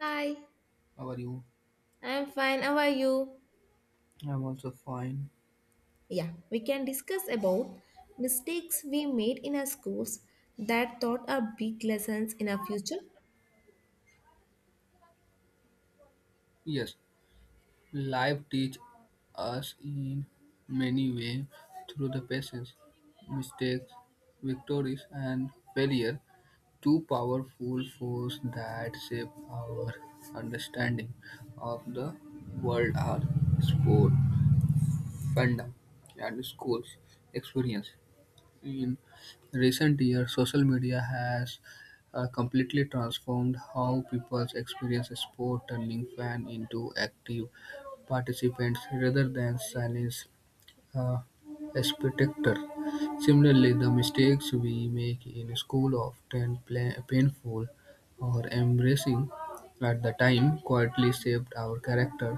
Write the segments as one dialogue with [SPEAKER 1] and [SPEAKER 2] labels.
[SPEAKER 1] Hi,
[SPEAKER 2] How are you?
[SPEAKER 1] I'm fine. How are you?
[SPEAKER 2] I'm also fine.
[SPEAKER 1] Yeah, we can discuss about mistakes we made in our schools that taught our big lessons in our future.
[SPEAKER 2] Yes, life teach us in many ways through the patience, mistakes, victories, and failure. Two powerful forces that shape our understanding of the world are sport, fandom, and school's experience. In recent years, social media has completely transformed how people experience sport, turning fans into active participants rather than silent uh, aspect. Similarly, the mistakes we make in school often painful or embarrassing at the time quietly shaped our character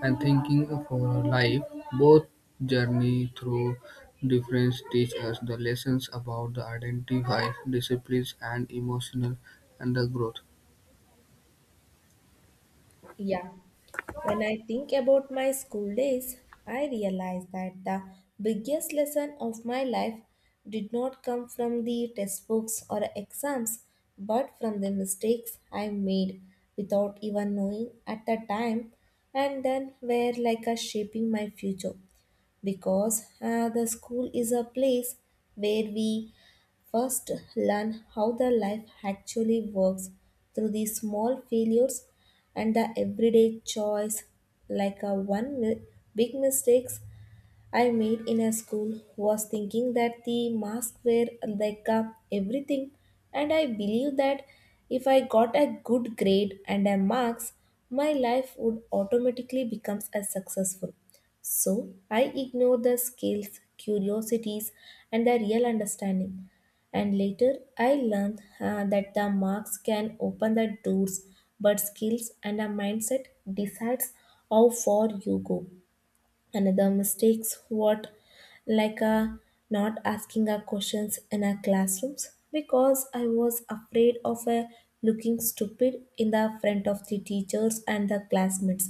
[SPEAKER 2] and thinking for our life. Both journey through difference teach us the lessons about the identify, disciplines and emotional and the growth.
[SPEAKER 1] Yeah, when I think about my school days, I realize that the biggest lesson of my life did not come from the textbooks or exams, but from the mistakes I made without even knowing at the time, and then were like a shaping my future. Because the school is a place where we first learn how the life actually works through the small failures and the everyday choice like a big mistakes I made in a school was thinking that the masks were like a everything, and I believed that if I got a good grade and a marks, my life would automatically become as successful. So I ignored the skills, curiosities, and the real understanding. And later, I learned that the marks can open the doors, but skills and a mindset decides how far you go. Another mistakes what, like not asking our questions in our classrooms, because I was afraid of looking stupid in the front of the teachers and the classmates,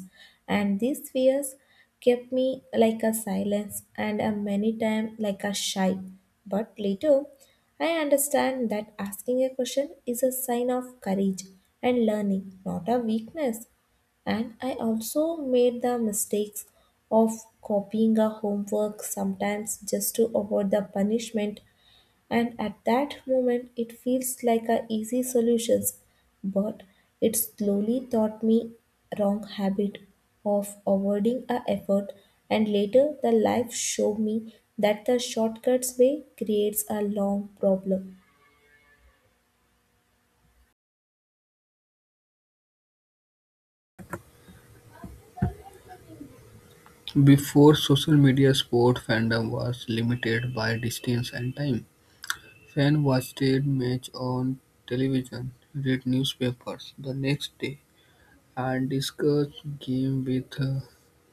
[SPEAKER 1] and these fears kept me like a silence and a many time like a shy. But later I understand that asking a question is a sign of courage and learning, not a weakness. And I also made the mistakes of copying a homework sometimes just to avoid the punishment. And at that moment, it feels like a easy solutions, but it slowly taught me wrong habit of avoiding a effort. And later, the life showed me that the shortcuts way creates a long problem.
[SPEAKER 2] Before social media, sport fandom was limited by distance and time. Fans watched match on television, read newspapers the next day, and discussed game with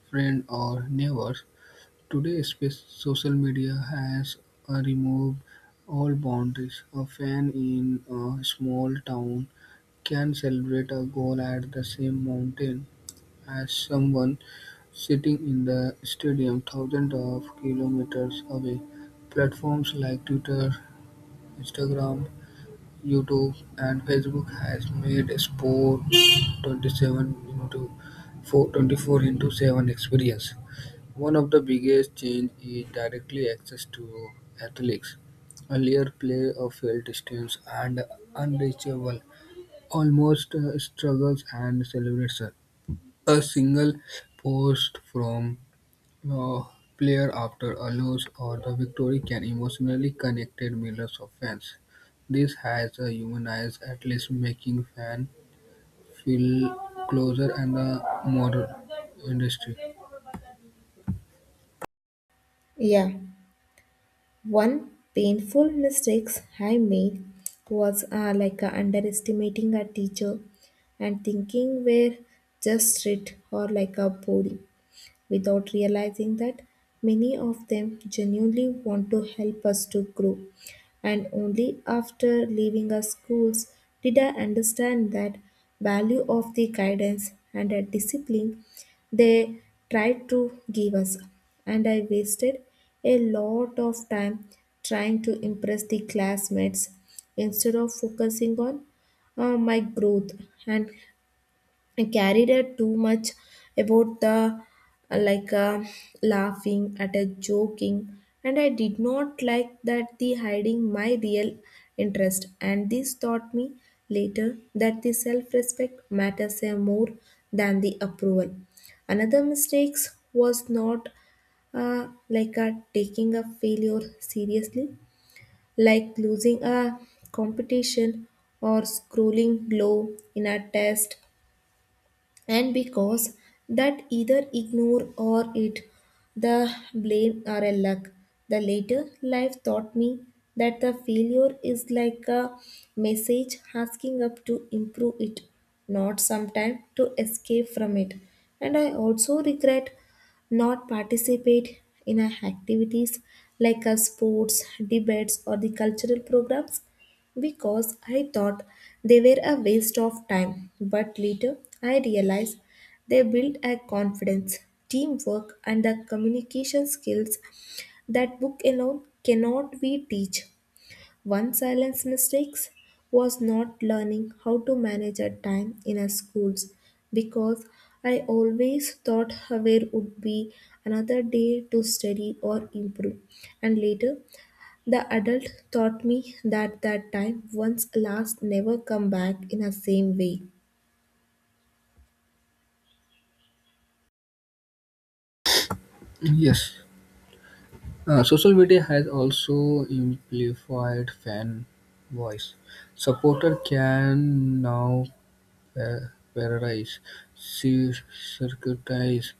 [SPEAKER 2] friends or neighbors. Today, social media has removed all boundaries. A fan in a small town can celebrate a goal at the same mountain as someone sitting in the stadium thousands of kilometers away. Platforms like Twitter, Instagram, YouTube and Facebook has made a Sport 27 into four- 24 into 7 experience. One of the biggest change is directly access to athletes. Earlier play of felt distance and unreachable, almost struggles and celebration. A single post from no player after a loss or a victory can emotionally connect millions of fans. This has a humanized at least making fans feel closer and the modern industry.
[SPEAKER 1] Yeah. One painful mistakes I made was like underestimating a teacher and thinking we're just strict or like a boring, without realizing that many of them genuinely want to help us to grow. And only after leaving our schools did I understand that value of the guidance and the discipline they tried to give us. And I wasted a lot of time trying to impress the classmates instead of focusing on my growth, and I carried it too much about the like laughing at a joking, and I did not like that the hiding my real interest. And this taught me later that the self-respect matters more than the approval. Another mistakes was not like a taking a failure seriously, like losing a competition or scrolling low in a test, and because that either ignore or it the blame are a luck. The later life taught me that the failure is like a message asking up to improve it, not sometime to escape from it. And I also regret not participate in our activities like our sports debates or the cultural programs, because I thought they were a waste of time. But later, I realized they built a confidence, teamwork, and the communication skills that book alone cannot be teach. One silence mistakes was not learning how to manage a time in a schools, because I always thought where would be another day to study or improve. And later the adult taught me that that time once lost never come back in the same way.
[SPEAKER 2] Yes. Social media has also amplified fan voice. Supporter can now parodize, circumcise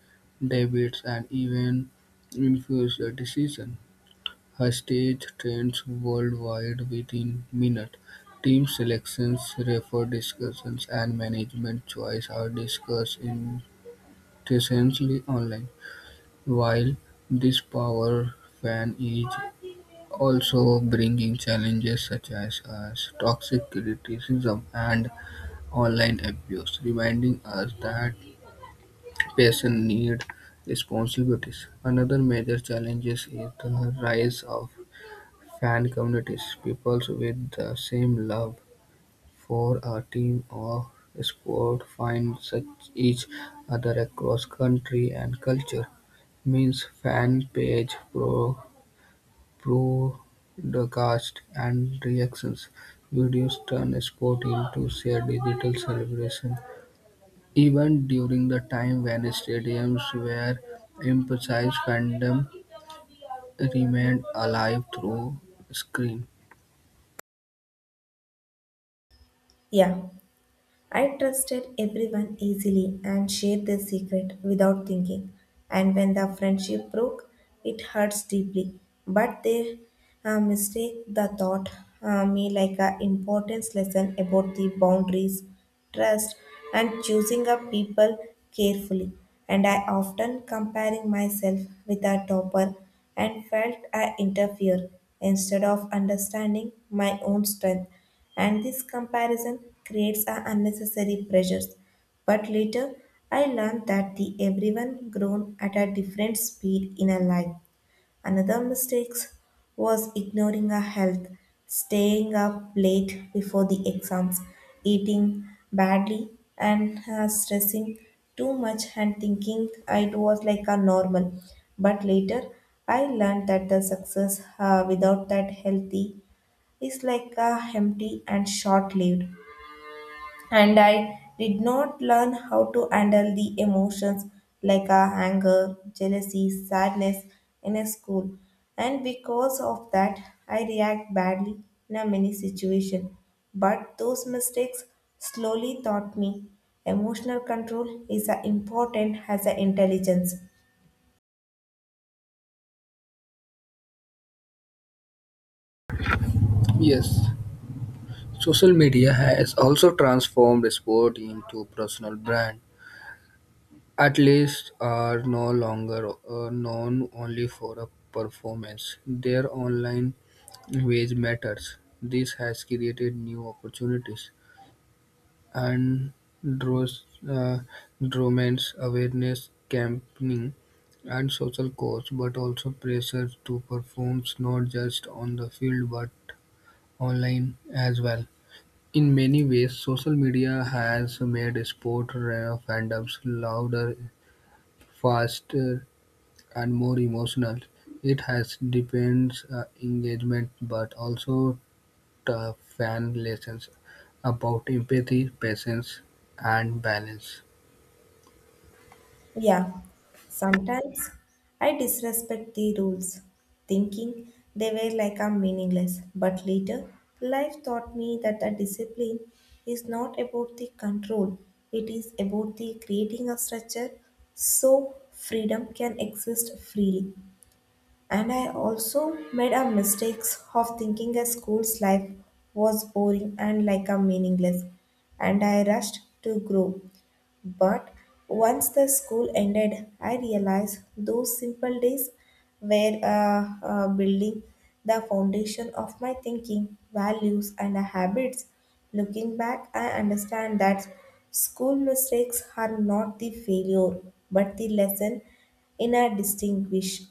[SPEAKER 2] debates, and even influence the decision. Her stage trends worldwide within minutes; team selections, referee discussions, and management choices are discussed intensely online, while this power fan is also bringing challenges such as toxic criticism and online abuse, reminding us that passion needs responsibilities. Another major challenge is the rise of fan communities: people with the same love for a team or sport find such each other across country and culture. Means fan page, pro, broadcast, and reactions videos turn sport into shared digital celebration. Even during the time when stadiums were emphasized, fandom remained alive through screen.
[SPEAKER 1] Yeah. I trusted everyone easily and shared their secret without thinking. And when the friendship broke, it hurts deeply. But they mistake the thought me like a importance lesson about the boundaries, trust, and choosing up people carefully. And I often comparing myself with a topper and felt I interfere instead of understanding my own strength, and this comparison creates a unnecessary pressures. But later, I learned that the everyone grown at a different speed in a life. Another mistake was ignoring our health, staying up late before the exams, eating badly, and stressing too much and thinking it was like a normal. But later, I learned that the success without that healthy is like a empty and short-lived. And I did not learn how to handle the emotions like a anger, jealousy, sadness in a school, and because of that I react badly in a many situation. But those mistakes slowly taught me emotional control is as important as the intelligence.
[SPEAKER 2] Yes. Social media has also transformed sport into personal brand. Athletes are no longer known only for a performance. Their online wage matters. This has created new opportunities and draws dromance awareness campaigning and social cause, but also pressure to perform not just on the field but online as well. In many ways, social media has made sport fandoms louder, faster, and more emotional. It has deepens engagement, but also taught fan lessons about empathy, patience, and balance.
[SPEAKER 1] Yeah, sometimes I disrespect the rules, thinking they were like I'm meaningless. But later, life taught me that the discipline is not about the control, it is about the creating a structure so freedom can exist freely. And I also made a mistakes of thinking a school's life was boring and like a meaningless, and I rushed to grow. But once the school ended, I realized those simple days were building the foundation of my thinking, values, and habits. Looking back, I understand that school mistakes are not the failure but the lesson in a distinguish,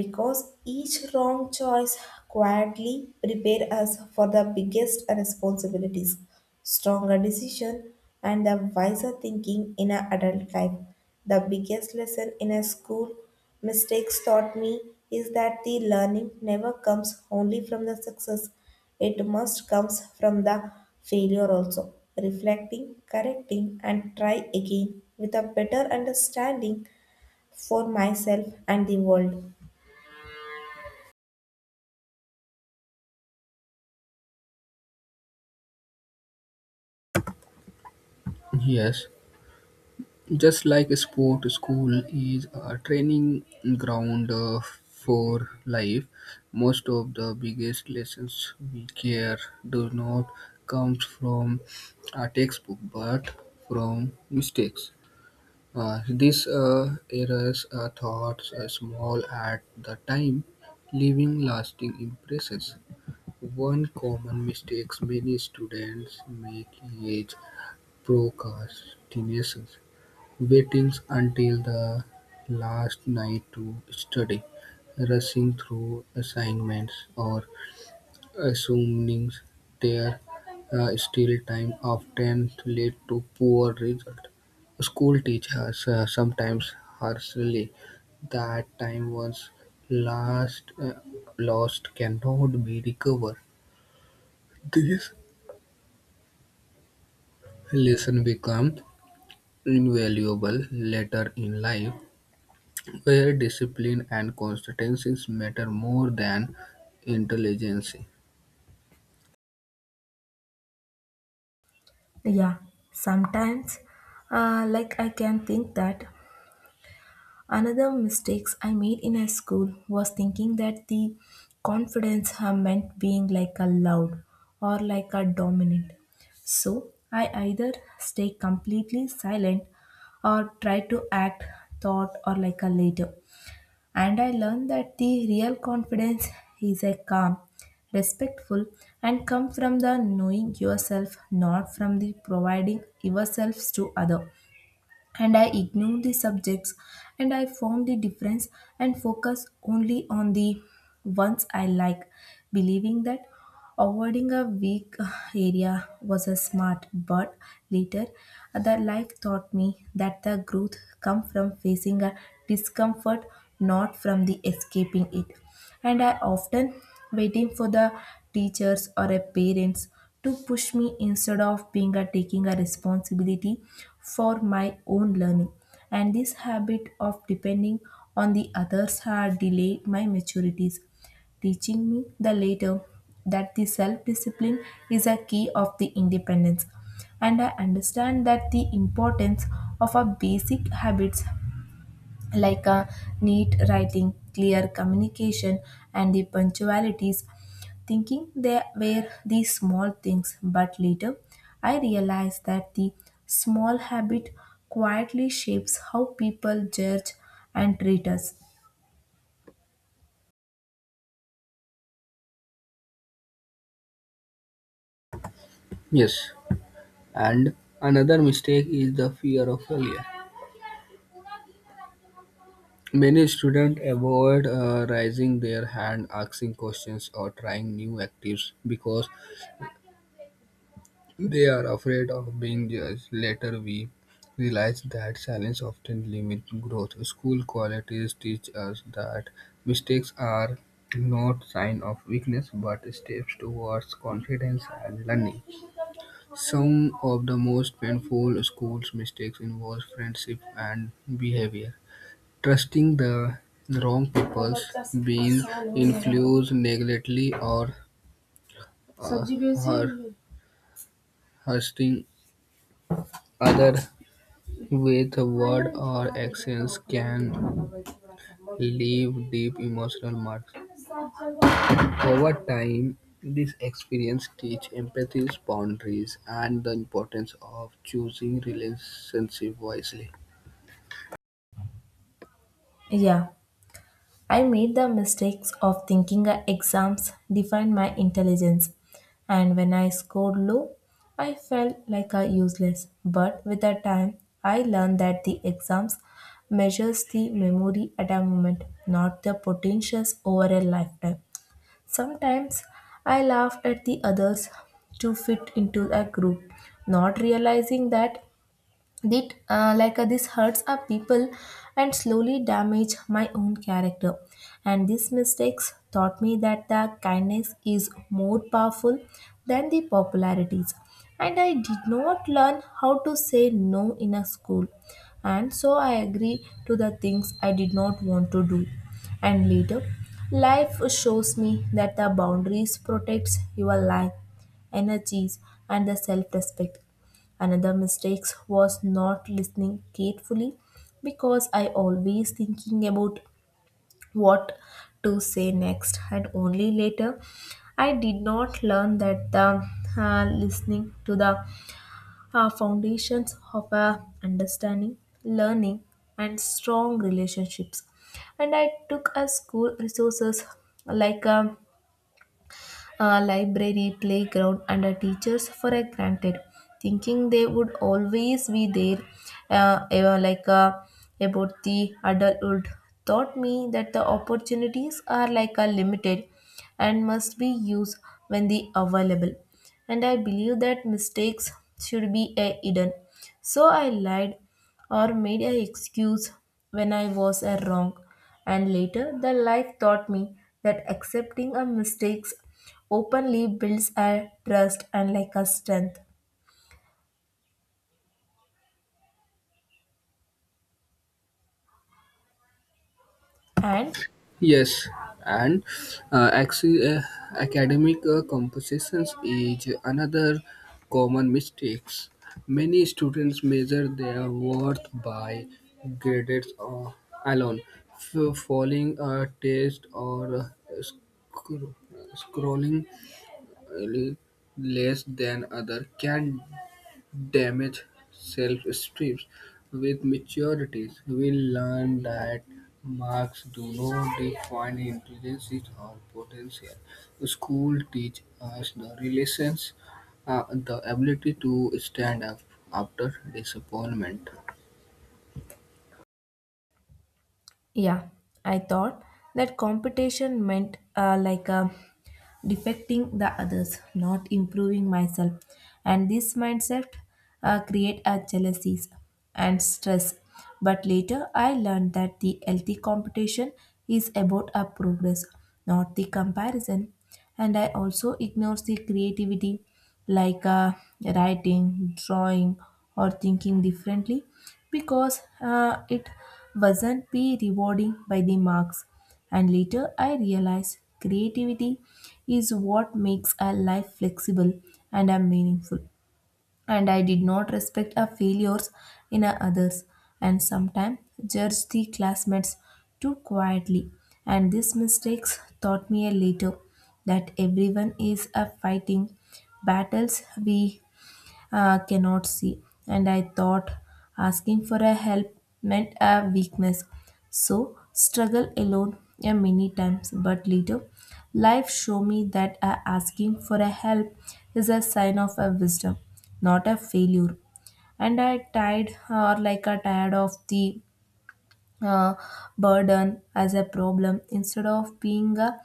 [SPEAKER 1] because each wrong choice quietly prepares us for the biggest responsibilities, stronger decision, and the wiser thinking in our adult life. The biggest lesson in a school mistakes taught me is that the learning never comes only from the success. It must comes from the failure also. Reflecting, correcting, and try again with a better understanding for myself and the world.
[SPEAKER 2] Yes, just like a sport, school is a training ground for life. Most of the biggest lessons we care do not come from a textbook but from mistakes. These errors are thoughts are small at the time, leaving lasting impressions. One common mistake many students make is procrastination. Waiting until the last night to study, rushing through assignments, or assuming there is still time often lead to poor result. School teachers sometimes harshly that time once last lost cannot be recovered. These lesson become invaluable later in life where discipline and consistencies matter more than intelligence.
[SPEAKER 1] Yeah, sometimes, like I can think that another mistakes I made in a school was thinking that the confidence meant being like a loud or like a dominant. So I either stay completely silent or try to act thought or like a leader. And I learned that the real confidence is a calm, respectful, and come from the knowing yourself, not from the providing yourselves to other. And I ignored the subjects and I found the difference and focus only on the ones I like, believing that avoiding a weak area was a smart. But later the life taught me that the growth come from facing a discomfort, not from the escaping it. And I often waiting for the teachers or a parents to push me instead of being a taking a responsibility for my own learning. And this habit of depending on the others had delayed my maturities, teaching me the later that the self-discipline is a key of the independence. And I understand that the importance of our basic habits like a neat writing, clear communication, and the punctualities, thinking they were these small things. But later, I realized that the small habit quietly shapes how people judge and treat us.
[SPEAKER 2] Yes, and another mistake is the fear of failure. Many students avoid raising their hand, asking questions, or trying new activities because they are afraid of being judged. Later, we realize that silence often limits growth. School qualities teach us that mistakes are not sign of weakness but steps towards confidence and learning. Some of the most painful school's mistakes involve friendship and behavior. Trusting the wrong people, being influenced negatively, or uh, hur- hurting other with words or actions can leave deep emotional marks. Over time, this experience teaches empathy, boundaries, and the importance of choosing relationships wisely.
[SPEAKER 1] Yeah, I made the mistakes of thinking arms defense. Though I felt like a useless, but with the time, I arms measures the memory at a moment, not the potentials over a lifetime. Sometimes I laughed at the others to fit into a group, not realizing that like this hurts our people and slowly damage my own character. And these mistakes taught me that the kindness is more powerful than the popularities. And I did not learn how to say no in a school. And so I agree to the things I did not want to do. And later, life shows me that the boundaries protects your life energies and the self-respect. Another mistake was not listening carefully, because I always thinking about what to say next, and only later I did not learn that the listening to the foundations of a understanding, learning and strong relationships. And I took a school resources like a library, playground, and a teachers for a granted, thinking they would always be there. Ever like about the adulthood taught me that the opportunities are like a limited and must be used when they available. And I believe that mistakes should be a hidden. So I lied or made an excuse when I was a wrong. And later, the life taught me that accepting a mistakes openly builds a trust and like a strength. And
[SPEAKER 2] Yes, and uh, axi- uh, academic compositions is another common mistakes. Many students measure their worth by grades or alone, following a test or scrolling uh, less than other can damage self-esteem. With maturity, we learn that marks do not define intelligence or potential. School teach us the relations, the ability to stand up after disappointment.
[SPEAKER 1] yeah, I thought that competition meant like a defecting the others, not improving myself, and this mindset create a jealousies and stress then and loving works Tea is not will and meaningful, respect our failures in our others, and sometimes judge the classmates too quietly. And these mistakes taught me a later that everyone is a fighting battles we cannot see. And I thought asking for a help meant a weakness, so struggle alone a many times. But later life showed me that asking for a help is a sign of a wisdom, not a failure. And I tired or like a tired of the uh, burden as a problem, instead of being a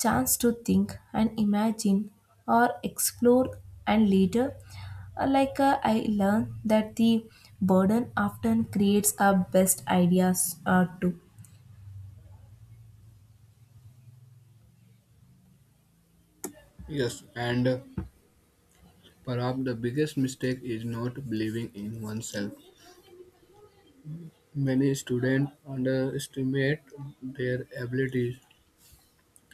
[SPEAKER 1] chance to think and imagine or explore. And later like I learned that the burden often creates our best ideas to
[SPEAKER 2] Yes, and perhaps the biggest mistake is not believing in oneself. Many students underestimate their abilities,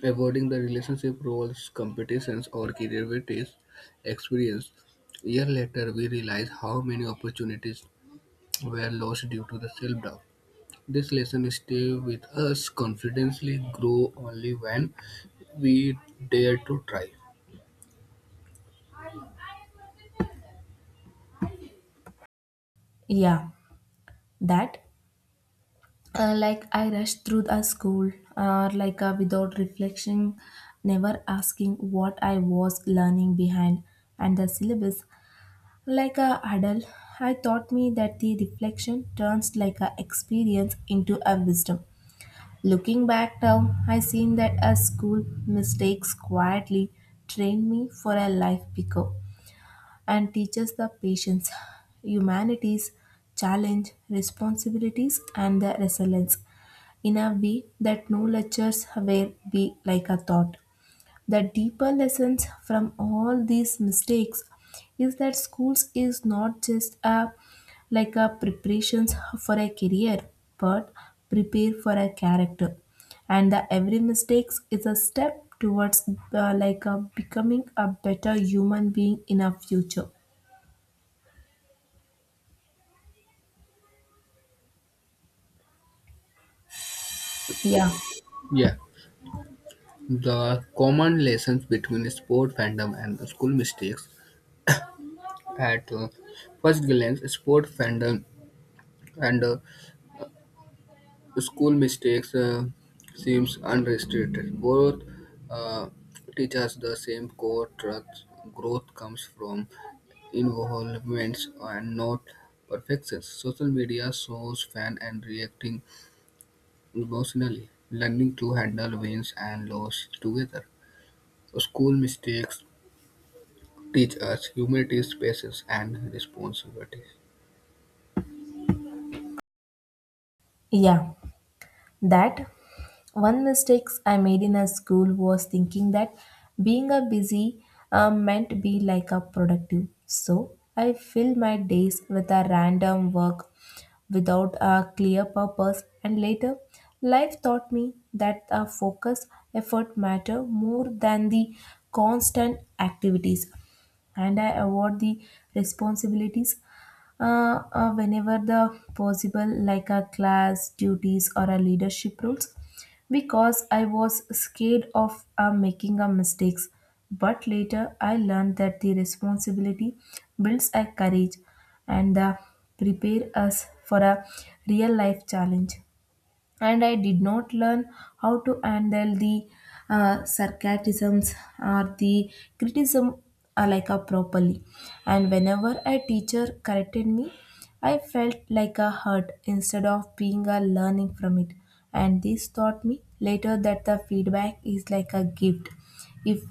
[SPEAKER 2] avoiding the relationship roles, competitions, or derivative experience. Year later, we realize how many opportunities were lost due to the self-doubt. This lesson stay with us. Confidently grow only when we dare to try.
[SPEAKER 1] experience into a wisdom. Looking back now, I seen that a school mistakes quietly trained me for a life picker and teaches the patience, humanities, challenge, responsibilities, and the resilience in a way that no lectures will be like a thought. The deeper lessons from all these mistakes is that schools is not just a like a preparations for a career but prepare for a character and the every mistakes is a step towards like a becoming a better human being in a future. Yeah,
[SPEAKER 2] Yeah, the common lessons between sport fandom and the school mistakes. At first glance, sport fandom and school mistakes seems unrestricted. Both uh, teach us the same core truth. Growth comes from involvements and not perfections. Social media shows fan and reacting emotionally. Learning to handle wins and loss together. School mistakes teach us humility, patience, and responsibility.
[SPEAKER 1] yeah. That one mistakes I made in a school was thinking that being a busy meant be like a productive. So I fill my days with a random work without a clear purpose, and later life taught me that a focus effort matter more than the constant activities. And I avoid the responsibilities whenever the possible, like a class duties or a leadership roles, because I was scared of making a mistakes. But later, I learned that the responsibility builds a courage and prepare us for a real life challenge. And I did not learn how to handle the sarcasms or the criticism like a properly. And whenever I me, I got a learning from it, and this taught me later that if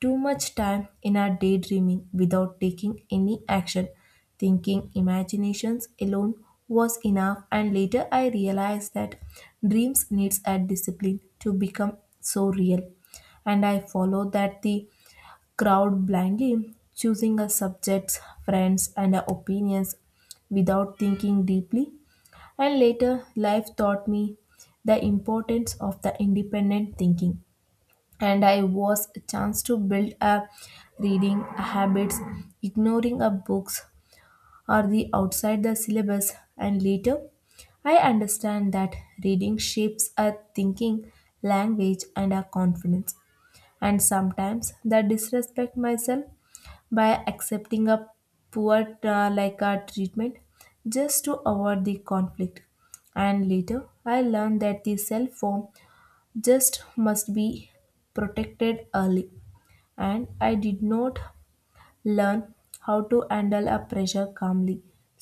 [SPEAKER 1] too much time in our daydreaming without taking any action, thinking imaginations alone was enough. And later I realized that dreams needs a discipline to become so real. And I follow that the crowd blindly, choosing a subject's friends and our opinions without thinking deeply. And later, life taught me the importance of the independent thinking, and I was a chance to build a reading habits, ignoring a books or the outside the syllabus. And later, I understand that reading shapes a thinking, language, and a confidence. And sometimes that disrespect myself by accepting a poor like a treatment just to avoid the conflict. And later I learned that the self form just must be protected early. And I did not learn how to handle a pressure calmly,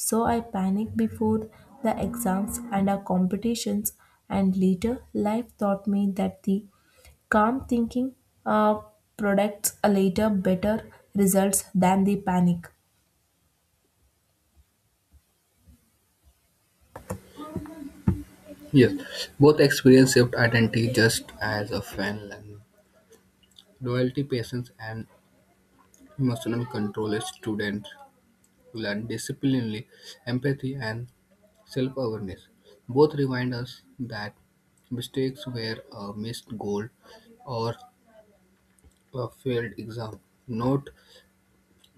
[SPEAKER 1] so I panicked before the exams and our competitions. And later life taught me that the calm thinking uh, products a later better results than the panic.
[SPEAKER 2] Yes, both experience shaped identity just as a fan learning. Loyalty, patience, and emotional control is students to learn discipline, empathy, and self-awareness. Both remind us that mistakes were a missed goal or a failed exam, not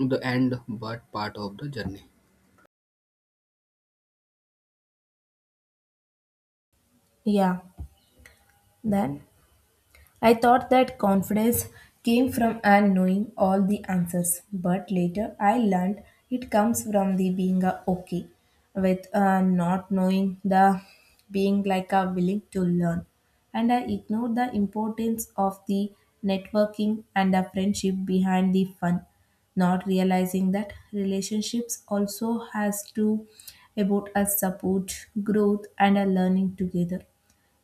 [SPEAKER 2] the end but part of the journey.
[SPEAKER 1] Yeah, then I thought that confidence came from and knowing all the answers, but later I learned it comes from the being a okay with not knowing the being like a willing to learn. And I ignored the importance of the networking and the friendship behind the fun, not realizing that relationships also has to about a support, growth and a learning together.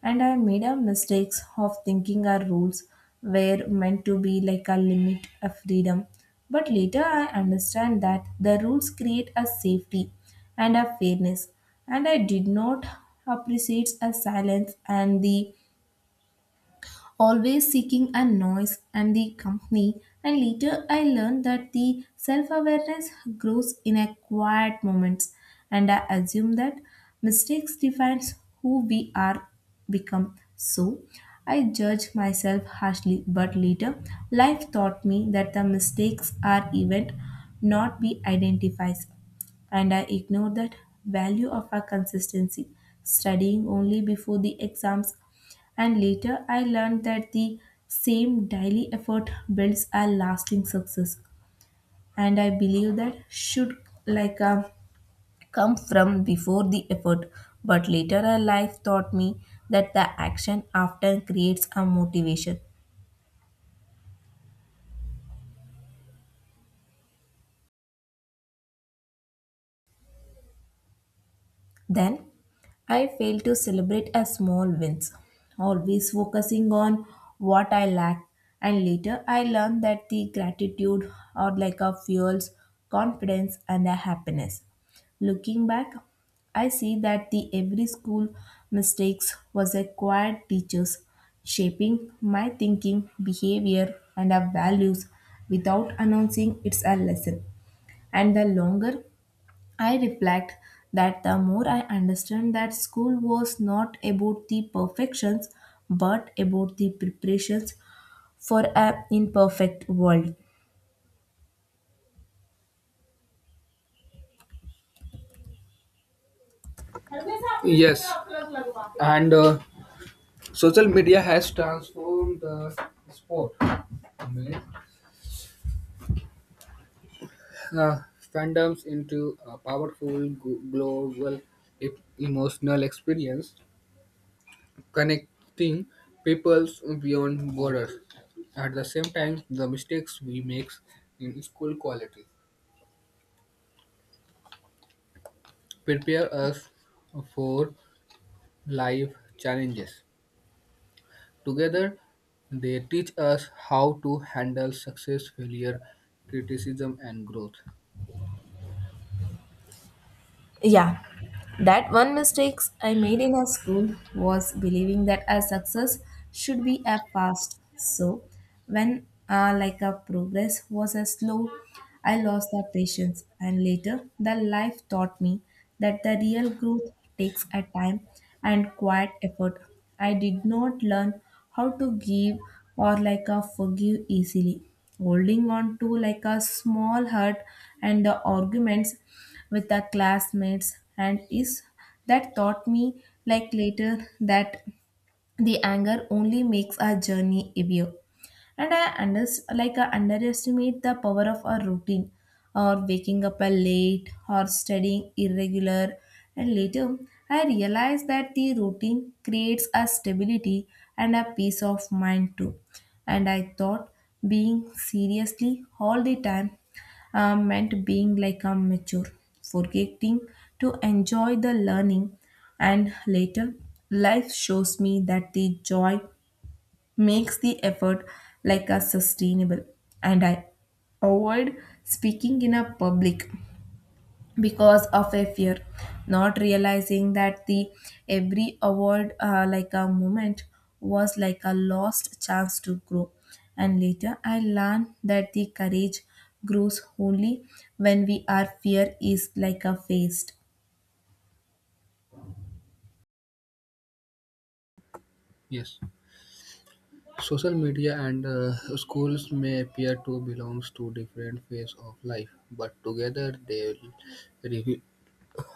[SPEAKER 1] And I made a mistakes of thinking our rules were meant to be like a limit of freedom. But later I understand that the rules create a safety and a fairness. And I did not appreciate a silence and the always seeking a noise and the company. And later I learned that the self-awareness grows in a quiet moments. And I assume that mistakes who we are become. So like noise and exams. And later, I learned that the same daily effort builds a lasting success. And I believe that should like uh, come from before the effort. But later, a life taught me that the action often creates a motivation. Then I reflect that the more I understand that school was not about the perfections but about the preparations for a imperfect world.
[SPEAKER 2] Yes, and social media has transformed the sport uh, fandoms into a powerful global e- emotional experience, connecting peoples beyond borders. At the same time, the mistakes we make in school quality prepare us for life challenges. Together, they teach us how to handle success, failure, criticism, and growth.
[SPEAKER 1] Yeah, first. So when I done, how to give or forgive easily. Would do like all hurt and the arguments with classmates and this that like a beer and a pouting or being late or being here and creates a stability and a peace of mind too. And I thought being seriously all the time meant being like a mature, forgetting to enjoy the learning. And later, life shows me that the joy makes the effort like a sustainable. And I avoid speaking in a public because of a fear, not realizing that the every award like a moment was like a lost chance to grow. And later I learned that the courage grows only when we are fear is like a faced.
[SPEAKER 2] Yes. Social media and schools may appear to belong to different phases of life, but together they reveal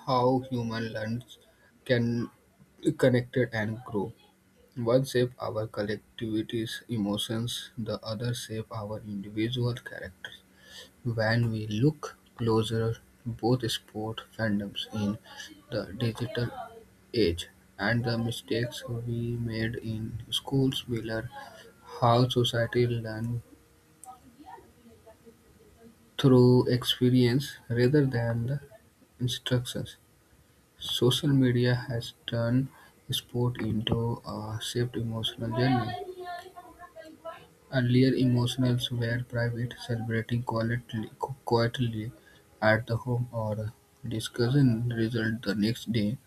[SPEAKER 2] how human learns, can connected and grow. One shape our collectivity's emotions, the other shape our individual characters. When we look closer, both sport fandoms in the digital age, and the mistakes we made in schools will are how society learn through experience rather than the instructions. Social media has turned sport into a shaped emotional journey. Earlier emotionals were private, quietly at the home or discussing result the next day.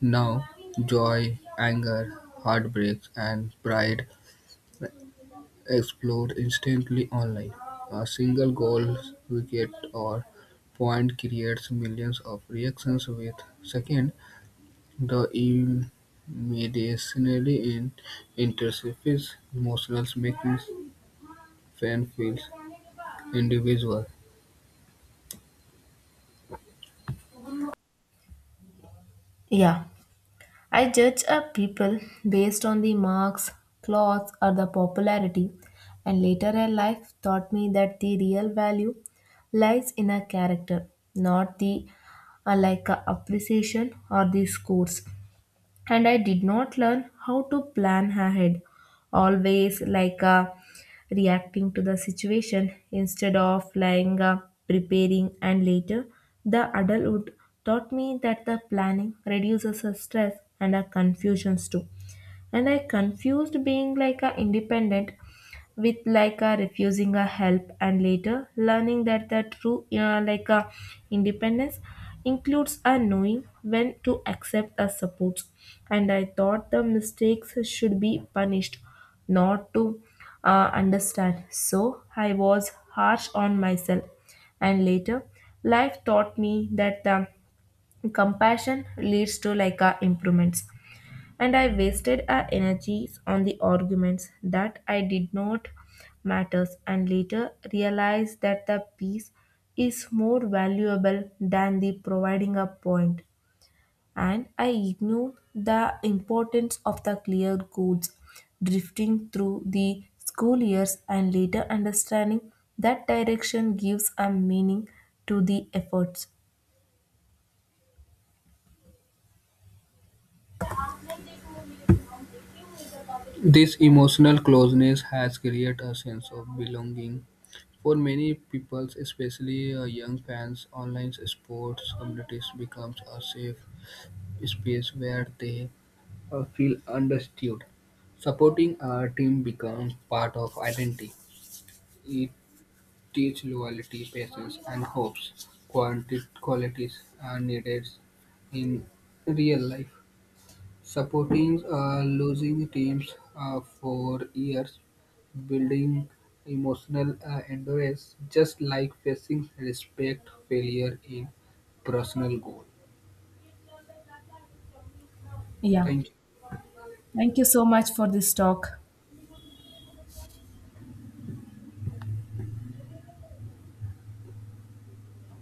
[SPEAKER 2] Now, joy, anger, heartbreaks, and pride explode instantly online. A single goal, wicket, or point creates millions of reactions with second. The immediacy in interface emotional making fan feels individual.
[SPEAKER 1] Yeah, I judge a people based on the marks, clothes or the popularity. And later in life taught me that the real value lies in a character, not the appreciation or the scores. And I did not learn how to plan ahead, always reacting to the situation instead of lying preparing. And later the adulthood taught me that the planning reduces the stress and the confusions too. And I confused being like a independent with like a refusing a help, and later learning that the true like a independence includes a knowing when to accept a support. And I thought the mistakes should be punished, not to understand, so I was harsh on myself. And later life taught me that the compassion leads to like a improvements. And I wasted our energies on the arguments that I did not matters. And later realized that the peace is more valuable than the providing a point. And I ignored the importance of the clear codes, drifting through the school years, and later understanding that direction gives a.
[SPEAKER 2] This emotional closeness has created a sense of belonging. For many people, especially young fans, online sports communities becomes a safe space where they feel understood. Supporting a team becomes part of identity. It teaches loyalty, patience, and hopes, qualities are needed in real life. Supporting losing teams for years, building emotional endurance, just like facing respect failure in personal goal. Thank you.
[SPEAKER 1] Thank you so much for